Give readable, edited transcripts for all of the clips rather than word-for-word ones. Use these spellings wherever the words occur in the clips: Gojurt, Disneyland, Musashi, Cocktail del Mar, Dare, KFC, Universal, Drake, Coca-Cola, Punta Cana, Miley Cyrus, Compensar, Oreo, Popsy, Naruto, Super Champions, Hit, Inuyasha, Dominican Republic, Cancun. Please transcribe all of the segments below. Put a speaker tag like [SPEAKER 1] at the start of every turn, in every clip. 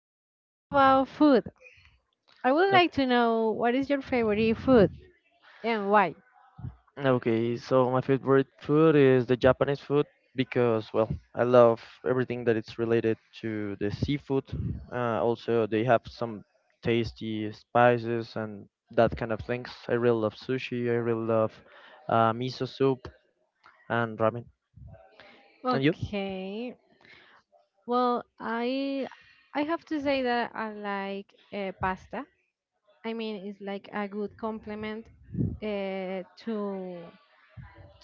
[SPEAKER 1] let's talk about food. I would like to know what is your favorite food and why.
[SPEAKER 2] Okay, so my favorite food is the Japanese food because, well, I love everything that it's related to the seafood. Also, they have some tasty spices and that kind of things. I really love sushi. I really love miso soup and ramen. And you?
[SPEAKER 1] Okay. Well, I have to say that I like pasta. I mean, it's like a good complement uh, to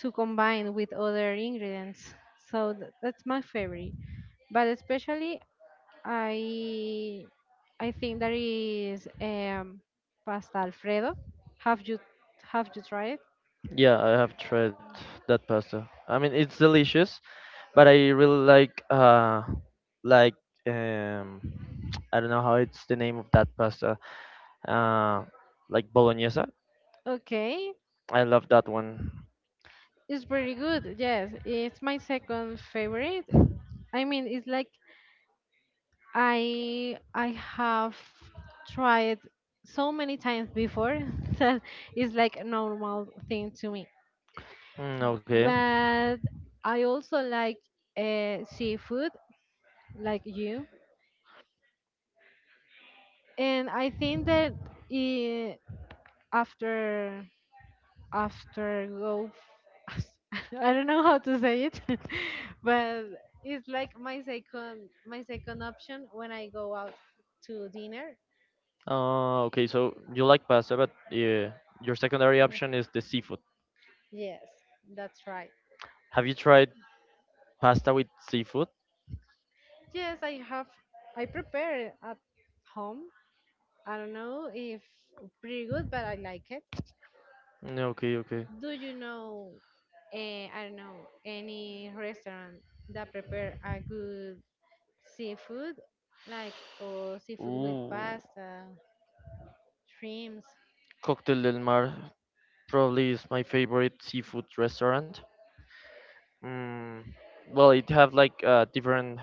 [SPEAKER 1] to combine with other ingredients. So that's my favorite. But especially I I think that is pasta Alfredo. Have you have you tried it?
[SPEAKER 2] Yeah, I have tried that pasta. I mean, it's delicious, but I really like like um I don't know how it's the name of that pasta. Uh, like bolognese.
[SPEAKER 1] Okay,
[SPEAKER 2] I love that one.
[SPEAKER 1] it's pretty good. Yes, it's my second favorite. I mean, it's like I have tried so many times before that it's like a normal thing to me.
[SPEAKER 2] Mm, okay.
[SPEAKER 1] But I also like seafood, like you, and I think that eh, after after go I don't know how to say it, but it's like my second option when I go out to dinner.
[SPEAKER 2] Okay, so you like pasta, but your secondary option is the seafood.
[SPEAKER 1] Yes, that's right.
[SPEAKER 2] Have you tried pasta with seafood?
[SPEAKER 1] Yes, I prepare at home. I don't know if pretty good, but I like it.
[SPEAKER 2] Mm, okay, okay.
[SPEAKER 1] Do you know I don't know any restaurant that prepare a good seafood like or seafood with
[SPEAKER 2] Ooh,
[SPEAKER 1] pasta, shrimps.
[SPEAKER 2] Cocktail del Mar probably is my favorite seafood restaurant. Mm, well, it have like different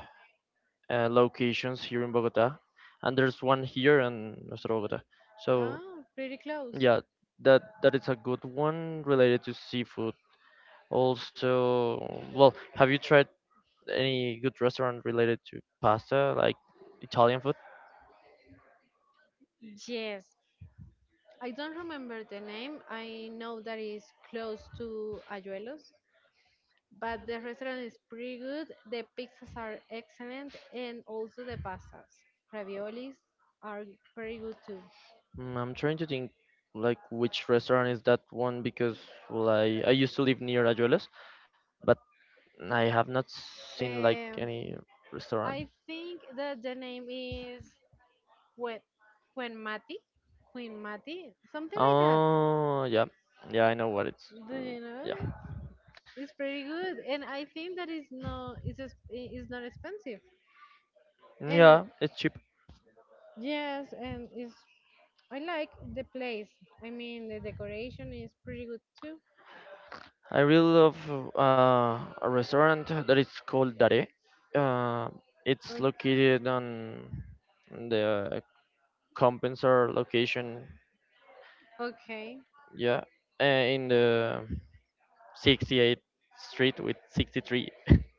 [SPEAKER 2] locations here in Bogota, and there's one here in Nuestra Bogota. So
[SPEAKER 1] Ah, pretty close.
[SPEAKER 2] yeah, that is a good one related to seafood. Also, well, have you tried any good restaurant related to pasta, like Italian food?
[SPEAKER 1] Yes. I don't remember the name. I know that it's close to Ayuelos, but the restaurant is pretty good. The pizzas are excellent and also the pastas. Raviolis are pretty good too.
[SPEAKER 2] Mm, I'm trying to think like which restaurant is that one because well, I used to live near Azuelos, but I have not seen like
[SPEAKER 1] Um,
[SPEAKER 2] any restaurant.
[SPEAKER 1] I think that the name is Quen Quen Mati. Queen Mati, something like that.
[SPEAKER 2] Oh yeah, yeah, I know what it's.
[SPEAKER 1] Do
[SPEAKER 2] Mm,
[SPEAKER 1] you
[SPEAKER 2] yeah.
[SPEAKER 1] know? It's pretty good, and I think that it's, it's not expensive. And
[SPEAKER 2] Yeah, it's cheap.
[SPEAKER 1] yes, and it's I like the place. I mean, the decoration is pretty good too.
[SPEAKER 2] I really love a restaurant that is called Dare. Uh, it's
[SPEAKER 1] Okay.
[SPEAKER 2] located on the Compensar location.
[SPEAKER 1] Okay.
[SPEAKER 2] Yeah, in the 68th Street with 63,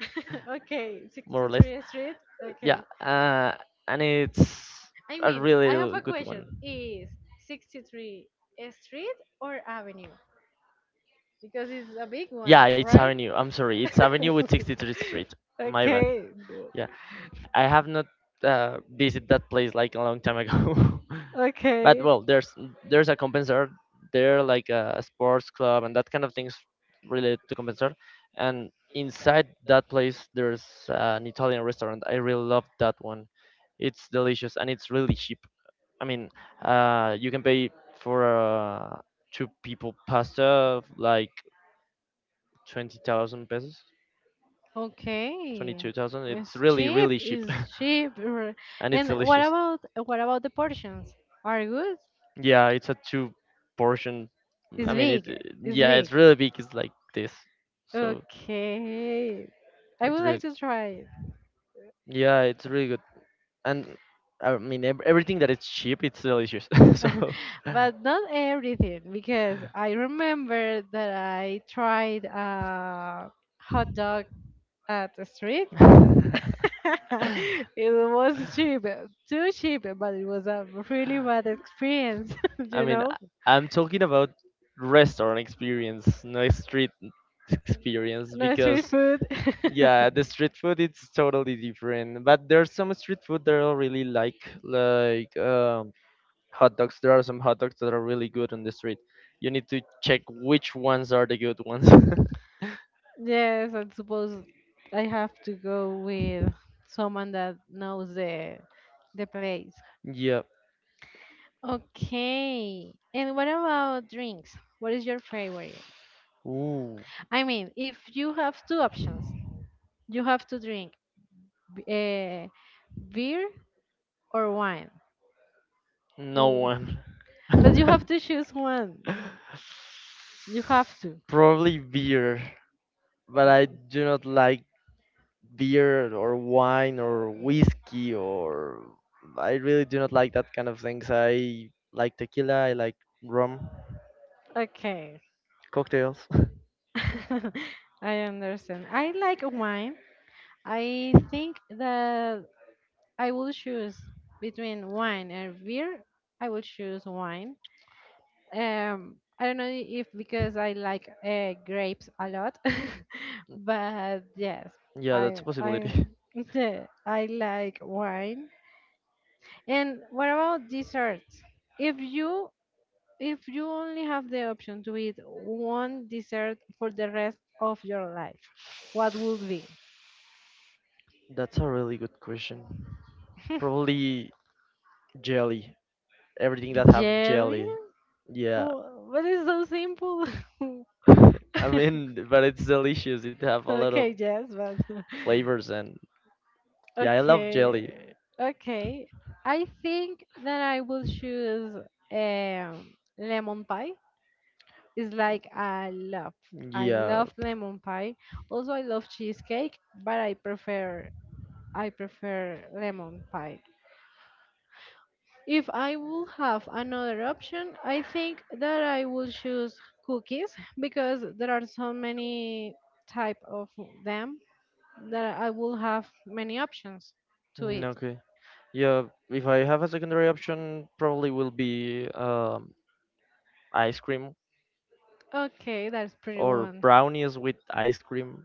[SPEAKER 1] Okay,
[SPEAKER 2] more or less.
[SPEAKER 1] 63rd Street.
[SPEAKER 2] Yeah,
[SPEAKER 1] Okay.
[SPEAKER 2] and it's
[SPEAKER 1] I
[SPEAKER 2] a
[SPEAKER 1] mean, I have
[SPEAKER 2] really
[SPEAKER 1] a
[SPEAKER 2] good one.
[SPEAKER 1] question. Is 63 a street or avenue? Because it's a big one,
[SPEAKER 2] Yeah, it's
[SPEAKER 1] right?
[SPEAKER 2] Avenue. I'm sorry, it's Avenue with 63rd Street. My bad.
[SPEAKER 1] okay.
[SPEAKER 2] Yeah, I have not visited that place like a long time ago. But
[SPEAKER 1] Okay.
[SPEAKER 2] well, there's a compensar there, like a sports club and that kind of things related to compensar. And inside that place, there's an Italian restaurant. I really love that one. It's delicious and it's really cheap. I mean, you can pay for two people pasta like 20,000 pesos, twenty
[SPEAKER 1] Okay.
[SPEAKER 2] two thousand. It's
[SPEAKER 1] It's
[SPEAKER 2] really
[SPEAKER 1] cheap.
[SPEAKER 2] really cheap,
[SPEAKER 1] It's cheap.
[SPEAKER 2] and
[SPEAKER 1] And
[SPEAKER 2] it's
[SPEAKER 1] what
[SPEAKER 2] delicious.
[SPEAKER 1] about what about the portions? Are good?
[SPEAKER 2] Yeah, it's a two portion.
[SPEAKER 1] It's
[SPEAKER 2] I mean,
[SPEAKER 1] big. It's
[SPEAKER 2] Yeah,
[SPEAKER 1] big.
[SPEAKER 2] it's really big. It's like this, so
[SPEAKER 1] Okay. I
[SPEAKER 2] it's
[SPEAKER 1] would like
[SPEAKER 2] really.
[SPEAKER 1] to try it.
[SPEAKER 2] Yeah, it's really good, and I mean everything that is cheap, it's delicious. So.
[SPEAKER 1] But not everything because I remember that I tried a hot dog at the street. it was cheap, too cheap, but it was a really bad experience,
[SPEAKER 2] I
[SPEAKER 1] you
[SPEAKER 2] mean,
[SPEAKER 1] know?
[SPEAKER 2] I- I'm talking about restaurant experience, no street experience,
[SPEAKER 1] No street
[SPEAKER 2] because
[SPEAKER 1] food.
[SPEAKER 2] yeah, the street food it's totally different. But there's some street food that I really like hot dogs. There are some hot dogs that are really good on the street. You need to check which ones are the good ones.
[SPEAKER 1] Yes, I suppose I have to go with someone that knows the place.
[SPEAKER 2] Yeah.
[SPEAKER 1] Okay. And what about drinks? What is your favorite?
[SPEAKER 2] Ooh,
[SPEAKER 1] I mean, if you have two options, you have to drink uh, beer or wine.
[SPEAKER 2] no
[SPEAKER 1] Mm.
[SPEAKER 2] one.
[SPEAKER 1] But you have to choose one. You have to.
[SPEAKER 2] Probably beer, but I
[SPEAKER 1] Mm.
[SPEAKER 2] do not like beer or wine or whiskey or I really do not like that kind of things. I like tequila, I like rum,
[SPEAKER 1] Okay.
[SPEAKER 2] cocktails.
[SPEAKER 1] I understand. I like wine. I think that I will choose between wine and beer. I will choose wine. I don't know if because I like grapes a lot, but yes,
[SPEAKER 2] Yeah, that's a
[SPEAKER 1] I
[SPEAKER 2] possibility.
[SPEAKER 1] I like wine. And what about desserts? If you if you only have the option to eat one dessert for the rest of your life, what would be?
[SPEAKER 2] That's a really good question. Probably jelly. Everything that have
[SPEAKER 1] Jelly?
[SPEAKER 2] jelly. Yeah.
[SPEAKER 1] What is so simple?
[SPEAKER 2] I mean, but it's delicious. It have a lot of
[SPEAKER 1] okay, yes, but
[SPEAKER 2] flavors and yeah, I love jelly.
[SPEAKER 1] okay, okay. I think that I will choose um, lemon pie. It's like I
[SPEAKER 2] Yeah.
[SPEAKER 1] love lemon pie. Also, I love cheesecake, but I prefer lemon pie. If I would have another option, I think that I will choose cookies because there are so many type of them that I will have many options to
[SPEAKER 2] Mm,
[SPEAKER 1] eat.
[SPEAKER 2] okay. Yeah, if I have a secondary option, probably will be ice cream
[SPEAKER 1] Okay, that's pretty
[SPEAKER 2] or
[SPEAKER 1] one.
[SPEAKER 2] brownies with ice cream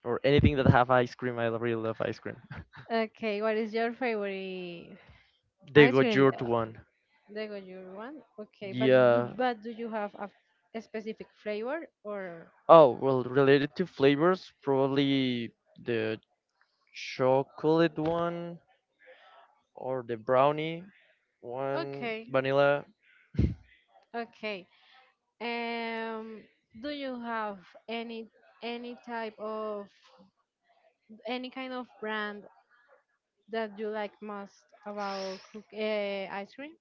[SPEAKER 2] or anything that have ice cream. I really love ice cream.
[SPEAKER 1] Okay, what is your favorite
[SPEAKER 2] The
[SPEAKER 1] ice cream?
[SPEAKER 2] Gojurt one.
[SPEAKER 1] The Goyur one. Okay,
[SPEAKER 2] Yeah.
[SPEAKER 1] but do you have a specific flavor or?
[SPEAKER 2] Oh, well, related to flavors, probably the chocolate one or the brownie one,
[SPEAKER 1] Okay.
[SPEAKER 2] vanilla.
[SPEAKER 1] Okay. Um, do you have any any type of any kind of brand that you like most about cook ice cream?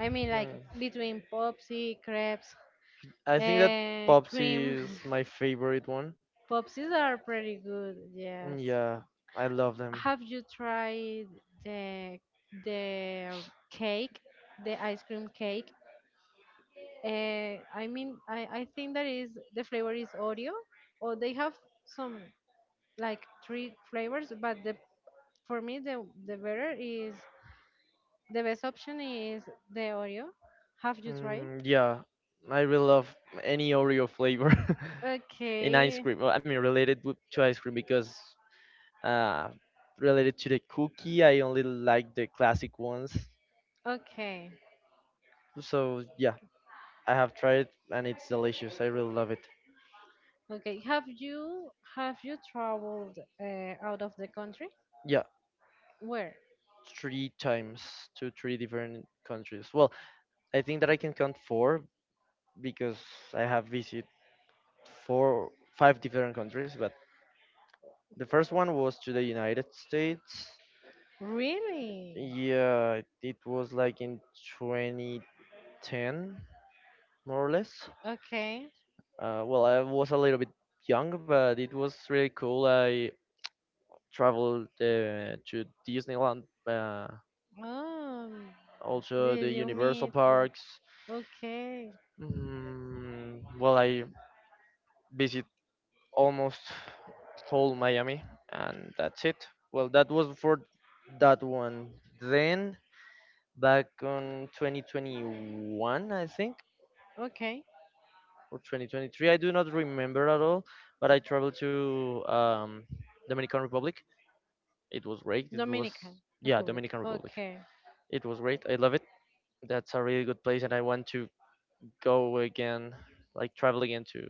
[SPEAKER 1] I mean, like
[SPEAKER 2] Hmm.
[SPEAKER 1] between Popsy, crepes,
[SPEAKER 2] I think that Popsy
[SPEAKER 1] cream.
[SPEAKER 2] is my favorite one.
[SPEAKER 1] Popsies are pretty good.
[SPEAKER 2] Mm,
[SPEAKER 1] Yes.
[SPEAKER 2] yeah, I love them.
[SPEAKER 1] Have you tried the the cake, the ice cream cake? I mean, I think that is the flavor is Oreo, or they have some, like three flavors, but the for me the better is the best option is the Oreo. Have you tried?
[SPEAKER 2] Mm, yeah, I really love any Oreo flavor. In ice
[SPEAKER 1] Okay.
[SPEAKER 2] cream. Well, I mean, to ice cream because uh, related to the cookie, I only like the classic ones.
[SPEAKER 1] Okay.
[SPEAKER 2] So yeah, I have tried it and it's delicious. I really love it.
[SPEAKER 1] Okay. Have you traveled out of the country?
[SPEAKER 2] Yeah,
[SPEAKER 1] Where?
[SPEAKER 2] three times to three different countries. Well, I think that I can count four because I have visited four, five different countries. But the first one was to the United States.
[SPEAKER 1] Really?
[SPEAKER 2] Yeah, it was like in 2010, more or less.
[SPEAKER 1] Okay.
[SPEAKER 2] Well, I was a little bit young, but it was really cool. I traveled to Disneyland,
[SPEAKER 1] Um.
[SPEAKER 2] also the
[SPEAKER 1] Did you
[SPEAKER 2] Universal
[SPEAKER 1] meet
[SPEAKER 2] parks.
[SPEAKER 1] Okay.
[SPEAKER 2] Mm, well, I visit almost whole Miami, and that's it. Well, that was for that one. Then back on 2021, I think,
[SPEAKER 1] Okay.
[SPEAKER 2] or 2023, I do not remember at all. But I traveled to Dominican Republic. It was great. It was
[SPEAKER 1] Dominican
[SPEAKER 2] yeah,
[SPEAKER 1] Republic.
[SPEAKER 2] Dominican Republic.
[SPEAKER 1] Okay.
[SPEAKER 2] It was great. I love it. That's a really good place, and I want to go again, like travel again to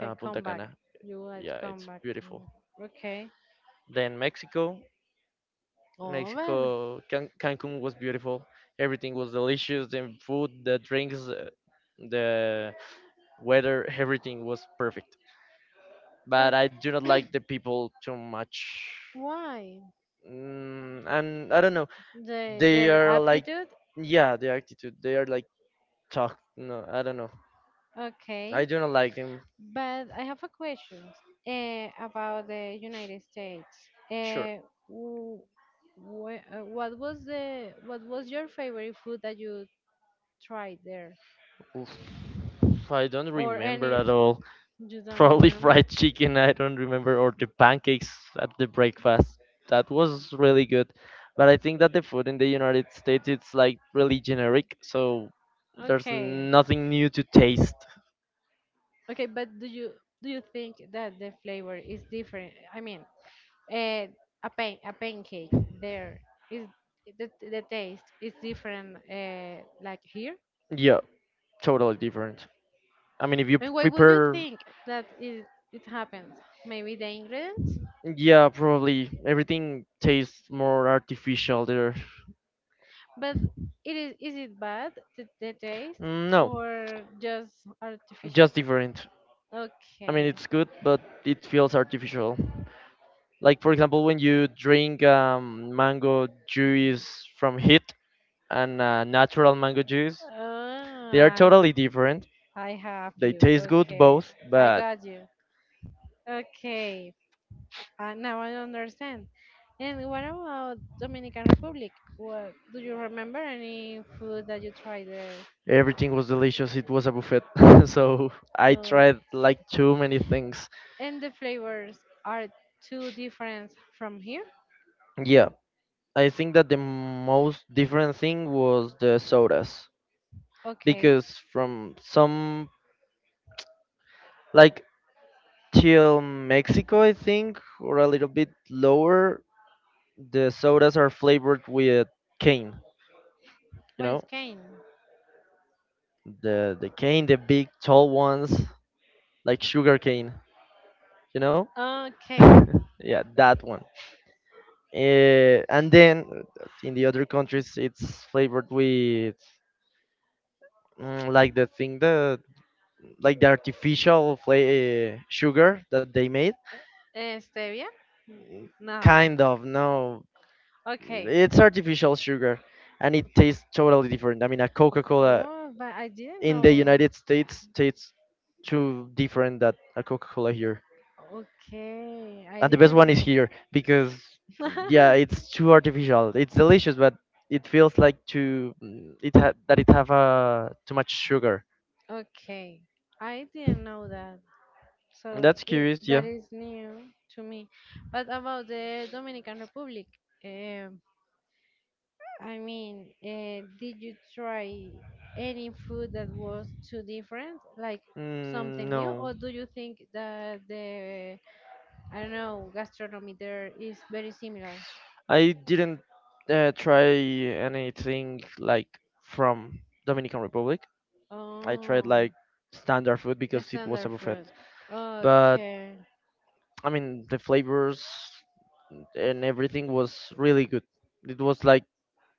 [SPEAKER 2] Punta
[SPEAKER 1] come back.
[SPEAKER 2] Cana.
[SPEAKER 1] You like to
[SPEAKER 2] Yeah, it's
[SPEAKER 1] come back.
[SPEAKER 2] beautiful.
[SPEAKER 1] Mm, okay.
[SPEAKER 2] Then Mexico,
[SPEAKER 1] Oh, man.
[SPEAKER 2] Mexico, Cancun was beautiful. Everything was delicious. The food, the drinks, the weather, everything was perfect.
[SPEAKER 1] Uh,
[SPEAKER 2] But I do not like the people too much.
[SPEAKER 1] why?
[SPEAKER 2] Mm, and I don't know. They
[SPEAKER 1] Their
[SPEAKER 2] are like,
[SPEAKER 1] aptitude?
[SPEAKER 2] yeah, the attitude. They are like talk. No, I don't know.
[SPEAKER 1] Okay.
[SPEAKER 2] I do not like them.
[SPEAKER 1] But I have a question about the United States.
[SPEAKER 2] Sure.
[SPEAKER 1] Uh, wh- what was your favorite food that you tried there,
[SPEAKER 2] Oof. I don't
[SPEAKER 1] or
[SPEAKER 2] remember
[SPEAKER 1] any?
[SPEAKER 2] at all.
[SPEAKER 1] You don't
[SPEAKER 2] Probably
[SPEAKER 1] remember?
[SPEAKER 2] fried chicken, I don't remember, or the pancakes at the breakfast. That was really good. But I think that the food in the United States it's like really generic, so there's
[SPEAKER 1] Okay.
[SPEAKER 2] nothing new to taste.
[SPEAKER 1] Okay, but do you think that the flavor is different? I mean, uh, a pancake there is the taste is different like here.
[SPEAKER 2] Yeah, totally different. I mean, if you
[SPEAKER 1] And why would you
[SPEAKER 2] prepare,
[SPEAKER 1] think that it happens? Maybe the ingredients?
[SPEAKER 2] yeah, probably everything tastes more artificial there.
[SPEAKER 1] But it is it bad the taste
[SPEAKER 2] Mm, no,
[SPEAKER 1] or just artificial?
[SPEAKER 2] just different. I mean,
[SPEAKER 1] Okay.
[SPEAKER 2] it's good, but it feels artificial. Like for example, when you drink mango juice from Hit and natural mango juice, they are
[SPEAKER 1] Ah, I
[SPEAKER 2] totally different.
[SPEAKER 1] I have
[SPEAKER 2] They
[SPEAKER 1] you.
[SPEAKER 2] taste good
[SPEAKER 1] Okay,
[SPEAKER 2] both,
[SPEAKER 1] I
[SPEAKER 2] but
[SPEAKER 1] got you. Okay, now I understand. And what about Dominican Republic? What do you remember any food that you tried there?
[SPEAKER 2] everything was delicious. It was a buffet, so I
[SPEAKER 1] Uh,
[SPEAKER 2] tried like too many things.
[SPEAKER 1] and the flavors are too different from here.
[SPEAKER 2] Yeah, I think that the most different thing was the sodas
[SPEAKER 1] Okay,
[SPEAKER 2] because from some like till Mexico, I think, or a little bit lower, the sodas are flavored with cane, you
[SPEAKER 1] what
[SPEAKER 2] know?
[SPEAKER 1] is cane?
[SPEAKER 2] The cane, the big tall ones, like sugar cane, you know?
[SPEAKER 1] Okay.
[SPEAKER 2] Yeah, that one. And then in the other countries, it's flavored with mm, like the thing that like the artificial sugar that they made.
[SPEAKER 1] Stevia? No.
[SPEAKER 2] Kind of no,
[SPEAKER 1] Okay.
[SPEAKER 2] it's artificial sugar, and it tastes totally different. I mean, a Coca Cola
[SPEAKER 1] Oh, but I didn't
[SPEAKER 2] in the
[SPEAKER 1] know.
[SPEAKER 2] United States tastes too different that a Coca-Cola here.
[SPEAKER 1] Okay, I
[SPEAKER 2] And the best
[SPEAKER 1] didn't
[SPEAKER 2] one is
[SPEAKER 1] know.
[SPEAKER 2] here because yeah, it's too artificial. It's delicious, but it feels like too mm, that it have too much sugar.
[SPEAKER 1] Okay, I didn't know that. So
[SPEAKER 2] That's curious, yeah.
[SPEAKER 1] that is new to me. But about the Dominican Republic, um, I mean, did you try any food that was too different, like
[SPEAKER 2] Mm,
[SPEAKER 1] something new,
[SPEAKER 2] no,
[SPEAKER 1] or do you think that the I don't know gastronomy there is very similar?
[SPEAKER 2] I didn't try anything like from Dominican Republic. I tried
[SPEAKER 1] Oh,
[SPEAKER 2] like standard food because it was a
[SPEAKER 1] standard
[SPEAKER 2] buffet.
[SPEAKER 1] food.
[SPEAKER 2] But
[SPEAKER 1] Okay,
[SPEAKER 2] I mean, the flavors and everything was really good. It was like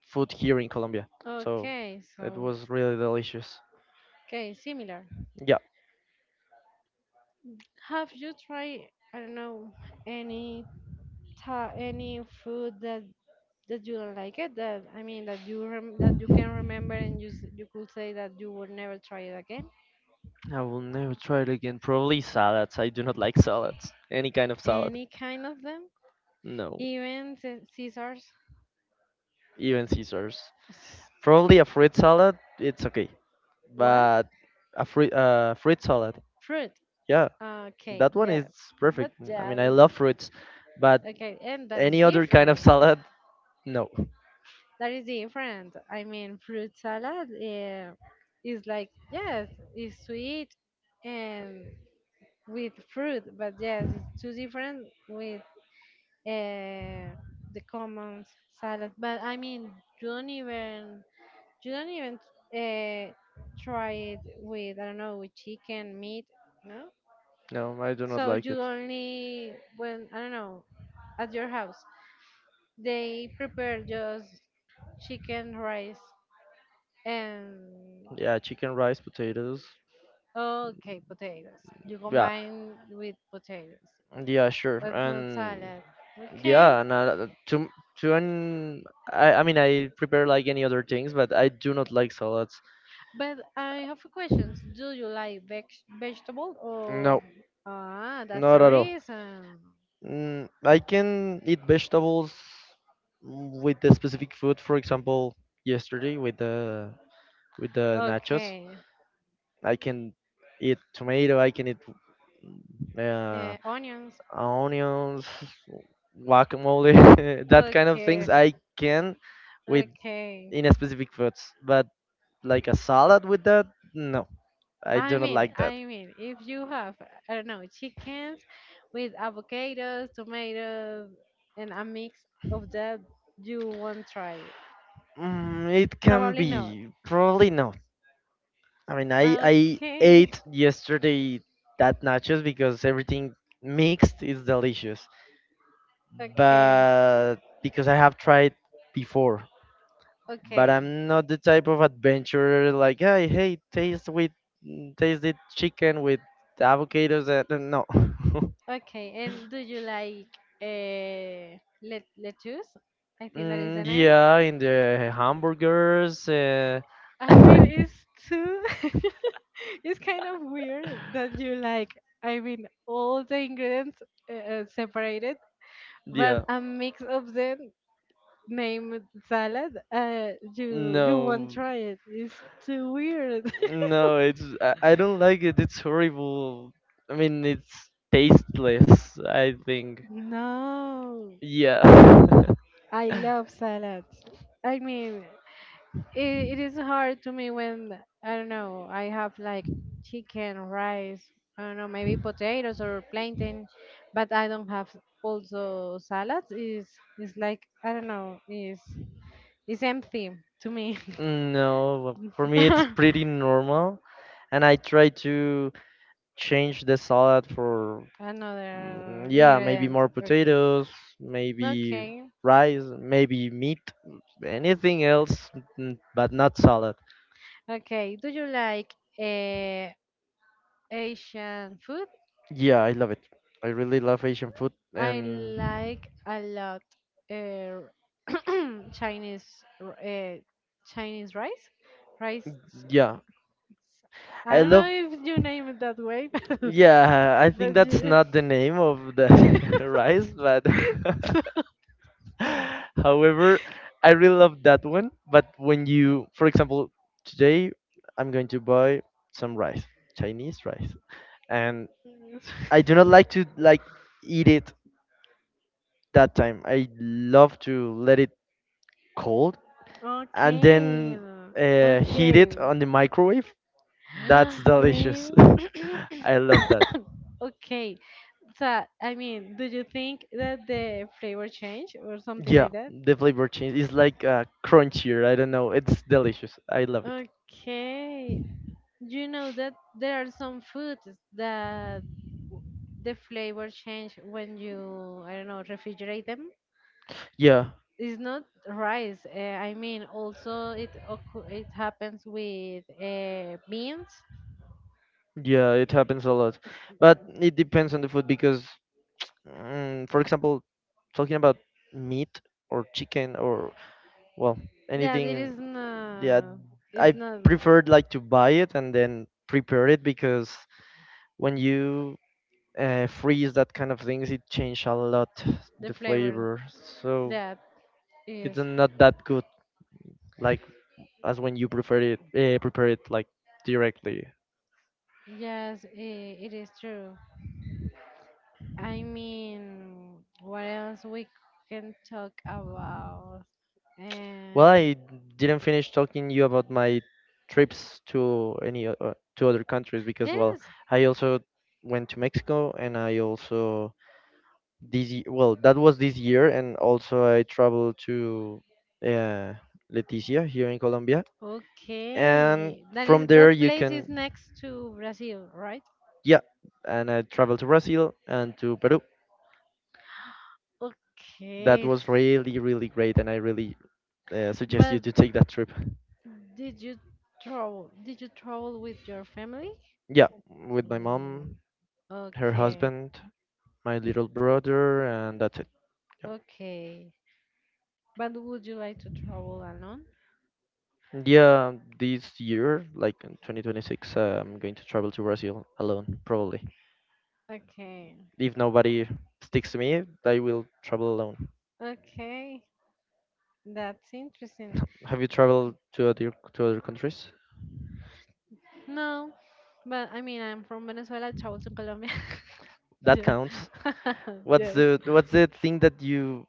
[SPEAKER 2] food here in Colombia, so
[SPEAKER 1] okay,
[SPEAKER 2] it
[SPEAKER 1] so
[SPEAKER 2] was really delicious.
[SPEAKER 1] okay, similar.
[SPEAKER 2] Yeah,
[SPEAKER 1] Have you tried, I don't know, any any food that you don't like it, that I mean, that you that you can remember and you you could say that you will never try it again?
[SPEAKER 2] I will never try it again. Probably salads. I do not like salads. Any kind of salad.
[SPEAKER 1] Any kind of them,
[SPEAKER 2] No,
[SPEAKER 1] even caesars?
[SPEAKER 2] even Caesars. Probably a fruit salad. It's okay,
[SPEAKER 1] What?
[SPEAKER 2] but a fruit fruit salad.
[SPEAKER 1] Fruit.
[SPEAKER 2] Yeah,
[SPEAKER 1] Okay,
[SPEAKER 2] that one is
[SPEAKER 1] yes,
[SPEAKER 2] perfect.
[SPEAKER 1] but
[SPEAKER 2] I mean,
[SPEAKER 1] yeah,
[SPEAKER 2] I love fruits, but
[SPEAKER 1] okay, and that is
[SPEAKER 2] any other kind of
[SPEAKER 1] different
[SPEAKER 2] salad, no,
[SPEAKER 1] that is different I mean, fruit salad, is like, yes, it's sweet and with fruit, but yes, it's too different with uh, the common salad. But I mean, you don't even you don't even uh, try it with, I don't know, with chicken, meat, no.
[SPEAKER 2] no, I do not
[SPEAKER 1] So
[SPEAKER 2] like
[SPEAKER 1] you
[SPEAKER 2] it.
[SPEAKER 1] only, when, I don't know, at your house they prepare just chicken, rice, and
[SPEAKER 2] Yeah, chicken, rice, potatoes.
[SPEAKER 1] okay, potatoes. You
[SPEAKER 2] Yeah,
[SPEAKER 1] combine with potatoes,
[SPEAKER 2] yeah, sure.
[SPEAKER 1] but not
[SPEAKER 2] And
[SPEAKER 1] salad. Okay.
[SPEAKER 2] yeah, and to an I mean I prepare like any other things, but I do not like salads.
[SPEAKER 1] But I have a question. Do you like vegetable
[SPEAKER 2] No,
[SPEAKER 1] or, ah, that's
[SPEAKER 2] not
[SPEAKER 1] the
[SPEAKER 2] at all.
[SPEAKER 1] reason.
[SPEAKER 2] Mm, I can eat vegetables with the specific food. For example, yesterday with the nachos,
[SPEAKER 1] Okay.
[SPEAKER 2] I can eat tomato. I can eat uh,
[SPEAKER 1] Onions.
[SPEAKER 2] onions, guacamole, that kind of
[SPEAKER 1] Okay.
[SPEAKER 2] things I can with
[SPEAKER 1] Okay.
[SPEAKER 2] in a specific foods, but like a salad with that, no, I
[SPEAKER 1] I
[SPEAKER 2] do not
[SPEAKER 1] mean,
[SPEAKER 2] like that.
[SPEAKER 1] I mean, if you have, I don't know, chickens with avocados, tomatoes, and a mix of that, you won't try it.
[SPEAKER 2] Mm, it can
[SPEAKER 1] Probably not.
[SPEAKER 2] be, probably not. I mean, I
[SPEAKER 1] Okay.
[SPEAKER 2] ate yesterday that nachos because everything mixed is delicious,
[SPEAKER 1] Okay.
[SPEAKER 2] but because I have tried before but
[SPEAKER 1] Okay.
[SPEAKER 2] I'm not the type of adventurer like, hey, hey, taste the chicken with avocados and no.
[SPEAKER 1] Okay. And do you like uh, lettuce? I think that is
[SPEAKER 2] Mm,
[SPEAKER 1] the name.
[SPEAKER 2] yeah, in the hamburgers.
[SPEAKER 1] I mean, it's too. it's kind of weird that you like. I mean, all the ingredients separated, but
[SPEAKER 2] Yeah,
[SPEAKER 1] a mix of them named salad. You won't
[SPEAKER 2] no,
[SPEAKER 1] try it. It's too weird.
[SPEAKER 2] no, I don't like it. It's horrible. I mean, it's tasteless. I think.
[SPEAKER 1] no.
[SPEAKER 2] Yeah.
[SPEAKER 1] I love salads. I mean, it, it is hard to me when, I don't know, I have like chicken, rice, I don't know, maybe potatoes or plantain, but I don't have also salads. Is like, I don't know, is empty to me.
[SPEAKER 2] No, for me it's pretty normal, and I try to change the salad for mm,
[SPEAKER 1] Another
[SPEAKER 2] yeah maybe
[SPEAKER 1] ingredient.
[SPEAKER 2] more
[SPEAKER 1] Okay.
[SPEAKER 2] potatoes maybe
[SPEAKER 1] Okay.
[SPEAKER 2] rice maybe meat anything else but not salad.
[SPEAKER 1] Okay. Do you like Asian food?
[SPEAKER 2] Yeah, I love it. I really love Asian food.
[SPEAKER 1] I
[SPEAKER 2] And
[SPEAKER 1] like a lot uh, Chinese r- uh, Chinese rice, rice.
[SPEAKER 2] yeah,
[SPEAKER 1] I
[SPEAKER 2] I
[SPEAKER 1] don't
[SPEAKER 2] love
[SPEAKER 1] know if you name it that way, but
[SPEAKER 2] yeah I think
[SPEAKER 1] but
[SPEAKER 2] that's not the name of the rice but however I really love that one. But when you for example today I'm going to buy some rice Chinese rice and I do not like to eat it that time. I love to let it cold and
[SPEAKER 1] okay,
[SPEAKER 2] then heat
[SPEAKER 1] okay.
[SPEAKER 2] it on the microwave. That's delicious.
[SPEAKER 1] Really?
[SPEAKER 2] I love that.
[SPEAKER 1] Okay. So, I mean, do you think that the flavor change or something
[SPEAKER 2] Yeah,
[SPEAKER 1] like that?
[SPEAKER 2] the flavor change is like crunchier. I don't know. It's delicious. I love it.
[SPEAKER 1] Okay. You know that there are some foods that w- the flavor change when you, I don't know, refrigerate them.
[SPEAKER 2] Yeah,
[SPEAKER 1] It's not rice. I mean, also it happens with beans.
[SPEAKER 2] yeah, it happens a lot, but it depends on the food because mm, for example, talking about meat or chicken or well
[SPEAKER 1] Yeah, it is
[SPEAKER 2] anything, yeah,
[SPEAKER 1] not. It's
[SPEAKER 2] I
[SPEAKER 1] not
[SPEAKER 2] preferred like to buy it and then prepare it because when you freeze that kind of things, it change a lot
[SPEAKER 1] the
[SPEAKER 2] the
[SPEAKER 1] flavor
[SPEAKER 2] flavor. So
[SPEAKER 1] that is.
[SPEAKER 2] it's not that good, like as when you prefer it prepare it like directly.
[SPEAKER 1] Yes, I it is true. I mean, what else we can talk about?
[SPEAKER 2] Well,
[SPEAKER 1] Eh,
[SPEAKER 2] I didn't finish talking you about my trips to to other countries because, well,
[SPEAKER 1] Yes.
[SPEAKER 2] I also went to Mexico, and I also this ye- well that was this year, and also I traveled to uh, Leticia here in Colombia, and
[SPEAKER 1] Okay. That is
[SPEAKER 2] from there
[SPEAKER 1] that
[SPEAKER 2] you
[SPEAKER 1] place
[SPEAKER 2] can,
[SPEAKER 1] is next to Brazil, right?
[SPEAKER 2] yeah, and I traveled to Brazil and to Peru. That
[SPEAKER 1] Okay.
[SPEAKER 2] was really really great, and I really suggest you
[SPEAKER 1] But
[SPEAKER 2] to take that trip.
[SPEAKER 1] did you Did you travel with your family?
[SPEAKER 2] Yeah, with my
[SPEAKER 1] Mm,
[SPEAKER 2] mom, her
[SPEAKER 1] okay.
[SPEAKER 2] husband, my little brother, and that's it.
[SPEAKER 1] Okay. But would you like to travel alone?
[SPEAKER 2] Yeah, yeah, this year, like in 2026, I'm going to travel to Brazil alone, probably.
[SPEAKER 1] Okay.
[SPEAKER 2] If nobody sticks to me, I will travel alone.
[SPEAKER 1] Okay. That's interesting.
[SPEAKER 2] Have you traveled to other countries?
[SPEAKER 1] No, but I mean, I'm from Venezuela, travel to Colombia.
[SPEAKER 2] That
[SPEAKER 1] Yeah.
[SPEAKER 2] counts. What's
[SPEAKER 1] yes.
[SPEAKER 2] the what's the thing that you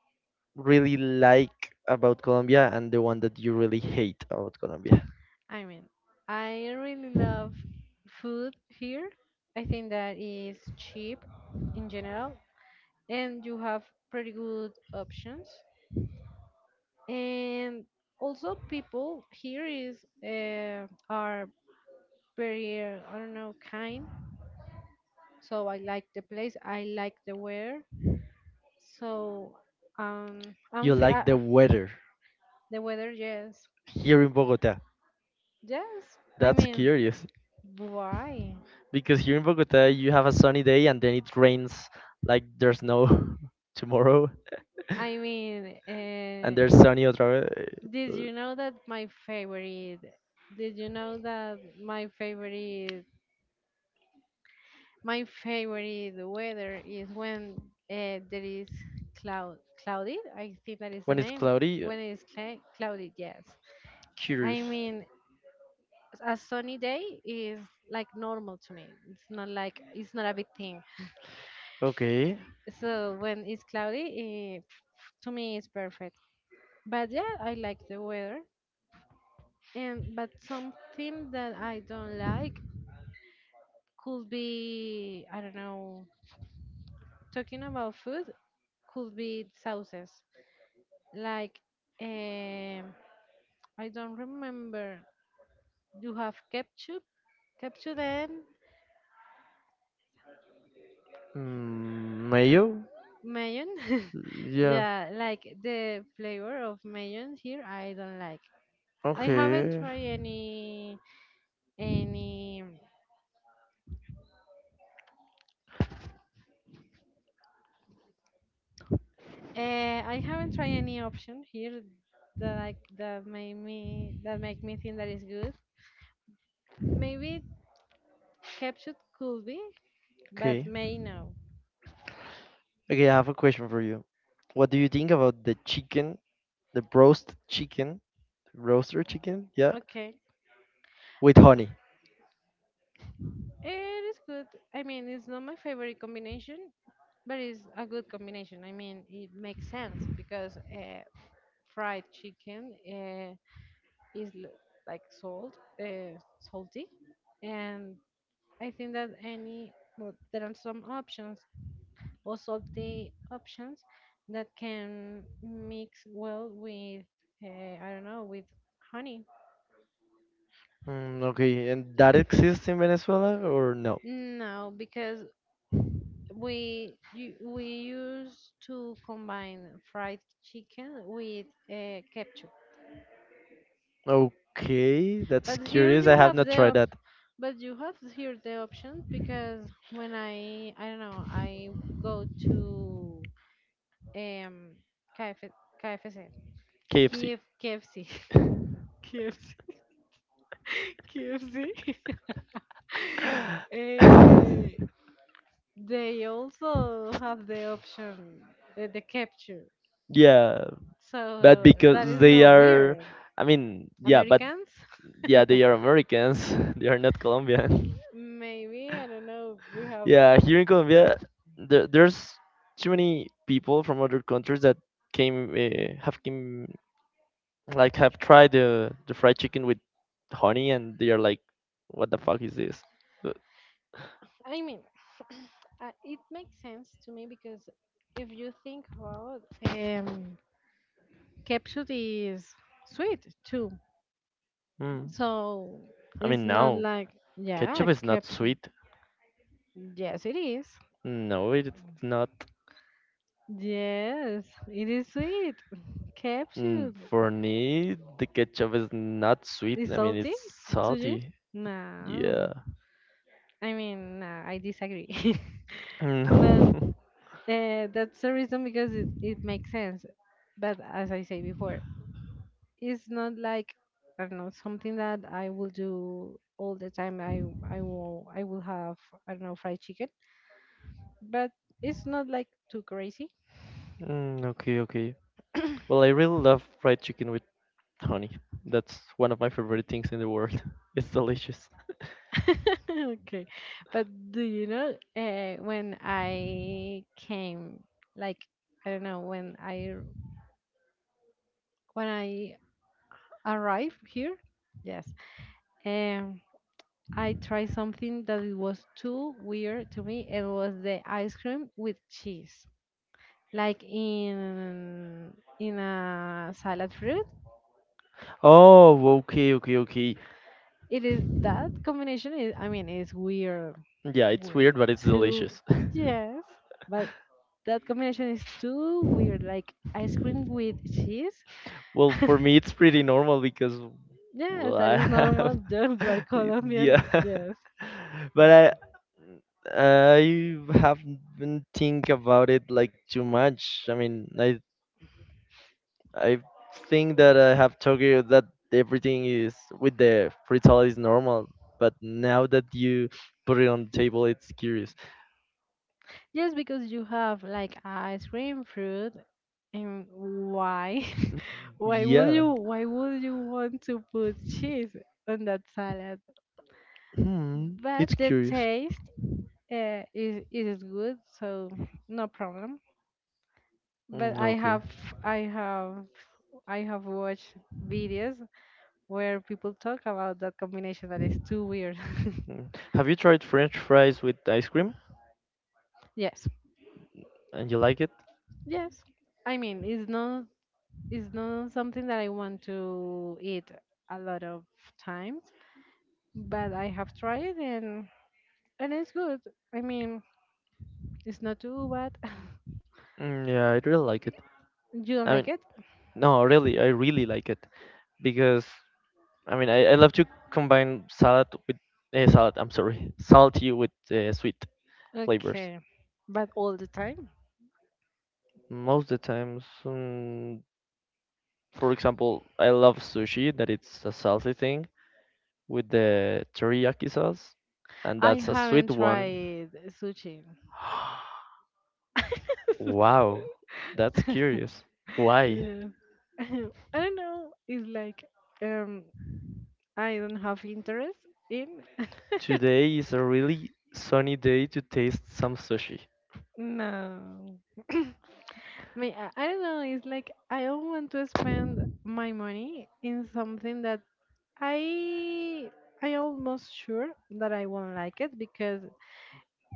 [SPEAKER 2] really like about Colombia, and the one that you really hate about Colombia?
[SPEAKER 1] I mean, I really love food here. I think that is cheap in general, and you have pretty good options. And also, people here is, are very, I don't know, kind. So I like the place. I like the weather. So, I'm
[SPEAKER 2] You like the weather
[SPEAKER 1] the weather. Yes,
[SPEAKER 2] here in Bogota.
[SPEAKER 1] yes. I
[SPEAKER 2] That's
[SPEAKER 1] mean,
[SPEAKER 2] curious.
[SPEAKER 1] why?
[SPEAKER 2] Because here in Bogota, you have a sunny day and then it rains like there's no tomorrow,
[SPEAKER 1] I mean,
[SPEAKER 2] and
[SPEAKER 1] uh,
[SPEAKER 2] there's sunny otra vez.
[SPEAKER 1] Did
[SPEAKER 2] Uh,
[SPEAKER 1] you know that my favorite? Did you know that my favorite? My favorite weather is when, there is cloud cloudy. I think that is the
[SPEAKER 2] When it's
[SPEAKER 1] name.
[SPEAKER 2] cloudy,
[SPEAKER 1] When it is cla cloudy, yes.
[SPEAKER 2] curious.
[SPEAKER 1] I mean, a sunny day is like normal to me. It's not like, it's not a big thing.
[SPEAKER 2] Okay.
[SPEAKER 1] So when it's cloudy, to me it's perfect. But yeah, I like the weather. And but something that I don't like could be, I don't know. Talking about food, could be sauces. Like, um, I don't remember. You have ketchup, and
[SPEAKER 2] Mm, mayo?
[SPEAKER 1] mayon.
[SPEAKER 2] Yeah.
[SPEAKER 1] yeah, like the flavor of mayon here, I don't like. I haven't
[SPEAKER 2] Okay.
[SPEAKER 1] tried any. I haven't tried any option here that I, that made me that make me think that is good. Maybe ketchup could be, but
[SPEAKER 2] Okay.
[SPEAKER 1] may now.
[SPEAKER 2] Okay, I have a question for you. What do you think about the chicken, the roast chicken, roaster chicken? Yeah,
[SPEAKER 1] Okay,
[SPEAKER 2] with honey.
[SPEAKER 1] it is good. I mean, it's not my favorite combination, but it's a good combination. I mean, it makes sense because fried chicken is l- like salt, uh, salty, and I think that any well, there are some options or salty options that can mix well with uh, I don't know, with honey.
[SPEAKER 2] Mm, okay, and that exists in Venezuela or no?
[SPEAKER 1] No, because we used to combine fried chicken with ketchup,
[SPEAKER 2] Okay, that's
[SPEAKER 1] but here
[SPEAKER 2] curious. I
[SPEAKER 1] you
[SPEAKER 2] have
[SPEAKER 1] have
[SPEAKER 2] not
[SPEAKER 1] the
[SPEAKER 2] tried that.
[SPEAKER 1] op- but you have here the option because when I don't know I go to um KF.
[SPEAKER 2] KFC.
[SPEAKER 1] Eh, they also have the option, the capture,
[SPEAKER 2] Yeah, but
[SPEAKER 1] so that
[SPEAKER 2] because
[SPEAKER 1] is
[SPEAKER 2] they
[SPEAKER 1] not
[SPEAKER 2] are,
[SPEAKER 1] weird.
[SPEAKER 2] I mean, yeah, but
[SPEAKER 1] Americans?
[SPEAKER 2] yeah, they are Americans. They are not Colombian.
[SPEAKER 1] Maybe, I don't know.
[SPEAKER 2] Yeah, here in Colombia, there's too many people from other countries that have came, like have tried the fried chicken with honey, and they are like, what the fuck is this?
[SPEAKER 1] I mean, it makes sense to me because if you think about um, capsule is sweet too.
[SPEAKER 2] Mm.
[SPEAKER 1] So
[SPEAKER 2] I
[SPEAKER 1] it's
[SPEAKER 2] mean,
[SPEAKER 1] not
[SPEAKER 2] no,
[SPEAKER 1] like, yeah,
[SPEAKER 2] ketchup is not
[SPEAKER 1] capsule.
[SPEAKER 2] sweet.
[SPEAKER 1] Yes, it is.
[SPEAKER 2] No, it's not.
[SPEAKER 1] Yes, it is sweet. Capsule.
[SPEAKER 2] Mm, for me, the ketchup is not sweet.
[SPEAKER 1] Is
[SPEAKER 2] I mean,
[SPEAKER 1] salty
[SPEAKER 2] it's
[SPEAKER 1] to you?
[SPEAKER 2] salty.
[SPEAKER 1] No.
[SPEAKER 2] Yeah.
[SPEAKER 1] I mean, no, I disagree. but
[SPEAKER 2] Mm.
[SPEAKER 1] That's the reason because it makes sense. But as I say before, it's not like, I don't know, something that I will do all the time. I will have, I don't know, fried chicken, but it's not like too crazy.
[SPEAKER 2] Mm, okay, okay. Well, I really love fried chicken with honey. That's one of my favorite things in the world. It's delicious.
[SPEAKER 1] Okay, but do you know, when I came, like, I don't know, when I arrived here? Yes. Um, I tried something that it was too weird to me. It was the ice cream with cheese, like in a salad fruit.
[SPEAKER 2] Oh, okay, okay, okay.
[SPEAKER 1] It is that combination is. I mean, it's weird.
[SPEAKER 2] Yeah, it's weird,
[SPEAKER 1] Weird
[SPEAKER 2] but it's
[SPEAKER 1] too.
[SPEAKER 2] delicious.
[SPEAKER 1] Yes, but that combination is too weird. Like ice cream with cheese.
[SPEAKER 2] Well, for me, it's pretty normal because,
[SPEAKER 1] Yes,
[SPEAKER 2] well,
[SPEAKER 1] that
[SPEAKER 2] I
[SPEAKER 1] is
[SPEAKER 2] have,
[SPEAKER 1] normal. Just you are
[SPEAKER 2] yeah.
[SPEAKER 1] Colombian. Yes.
[SPEAKER 2] But I haven't think about it like too much. I mean, I think that I have told you that everything is with the frittata is normal, but now that you put it on the table, it's curious.
[SPEAKER 1] Yes, because you have like ice cream, fruit, and why? Why would
[SPEAKER 2] Yeah,
[SPEAKER 1] you why would you want to put cheese on that salad?
[SPEAKER 2] hmm,
[SPEAKER 1] But
[SPEAKER 2] it's
[SPEAKER 1] the
[SPEAKER 2] curious.
[SPEAKER 1] taste, is it is good, so no problem. But
[SPEAKER 2] Mm,
[SPEAKER 1] I
[SPEAKER 2] okay.
[SPEAKER 1] have I have I have watched videos where people talk about that combination that is too weird.
[SPEAKER 2] Mm. Have you tried French fries with ice cream
[SPEAKER 1] Yes.
[SPEAKER 2] and you like it?
[SPEAKER 1] Yes. I mean, it's not something that I want to eat a lot of times, but I have tried it, and it's good. I mean, it's not too bad.
[SPEAKER 2] Mm, yeah, I really like it.
[SPEAKER 1] You don't
[SPEAKER 2] I mean,
[SPEAKER 1] like it?
[SPEAKER 2] no, really, I really like it because I mean, I love to combine salad with salad. I'm sorry, salty with sweet flavors.
[SPEAKER 1] Okay, but all the time?
[SPEAKER 2] Most of the times, for example, I love sushi that it's a salty thing with the teriyaki sauce, and
[SPEAKER 1] I
[SPEAKER 2] that's a
[SPEAKER 1] haven't
[SPEAKER 2] sweet one.
[SPEAKER 1] tried sushi.
[SPEAKER 2] Wow, that's curious. Why?
[SPEAKER 1] Yeah. I don't know. It's like, um, I don't have interest in.
[SPEAKER 2] Today is a really sunny day to taste some sushi.
[SPEAKER 1] No. Me, I don't know. It's like I don't want to spend my money in something that I I almost sure that I won't like it, because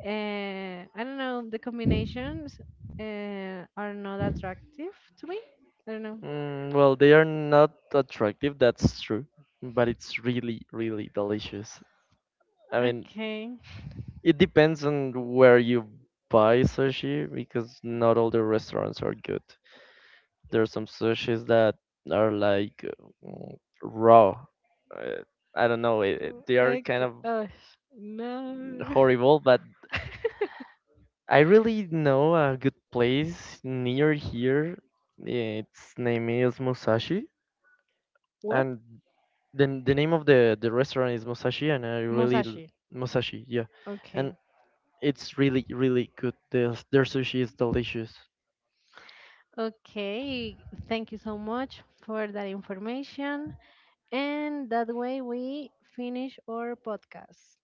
[SPEAKER 1] uh, I don't know, the combinations, are not attractive to me. I don't know.
[SPEAKER 2] Mm, well, they are not attractive, that's true, but it's really, really delicious. I mean,
[SPEAKER 1] Okay.
[SPEAKER 2] it depends on where you buy sushi because not all the restaurants are good. There are some sushis that are like mm, raw. Uh, I don't know.
[SPEAKER 1] Mm,
[SPEAKER 2] They are kind
[SPEAKER 1] okay.
[SPEAKER 2] of
[SPEAKER 1] Oh no.
[SPEAKER 2] horrible, but I really know a good place near here. Yeah, its name is Musashi,
[SPEAKER 1] What?
[SPEAKER 2] and then the name of the restaurant is Musashi, and I really l-
[SPEAKER 1] Musashi.
[SPEAKER 2] Musashi, yeah, and
[SPEAKER 1] Okay.
[SPEAKER 2] it's really really good. Their sushi is delicious.
[SPEAKER 1] Okay. Thank you so much for that information. And that way we finish our podcast.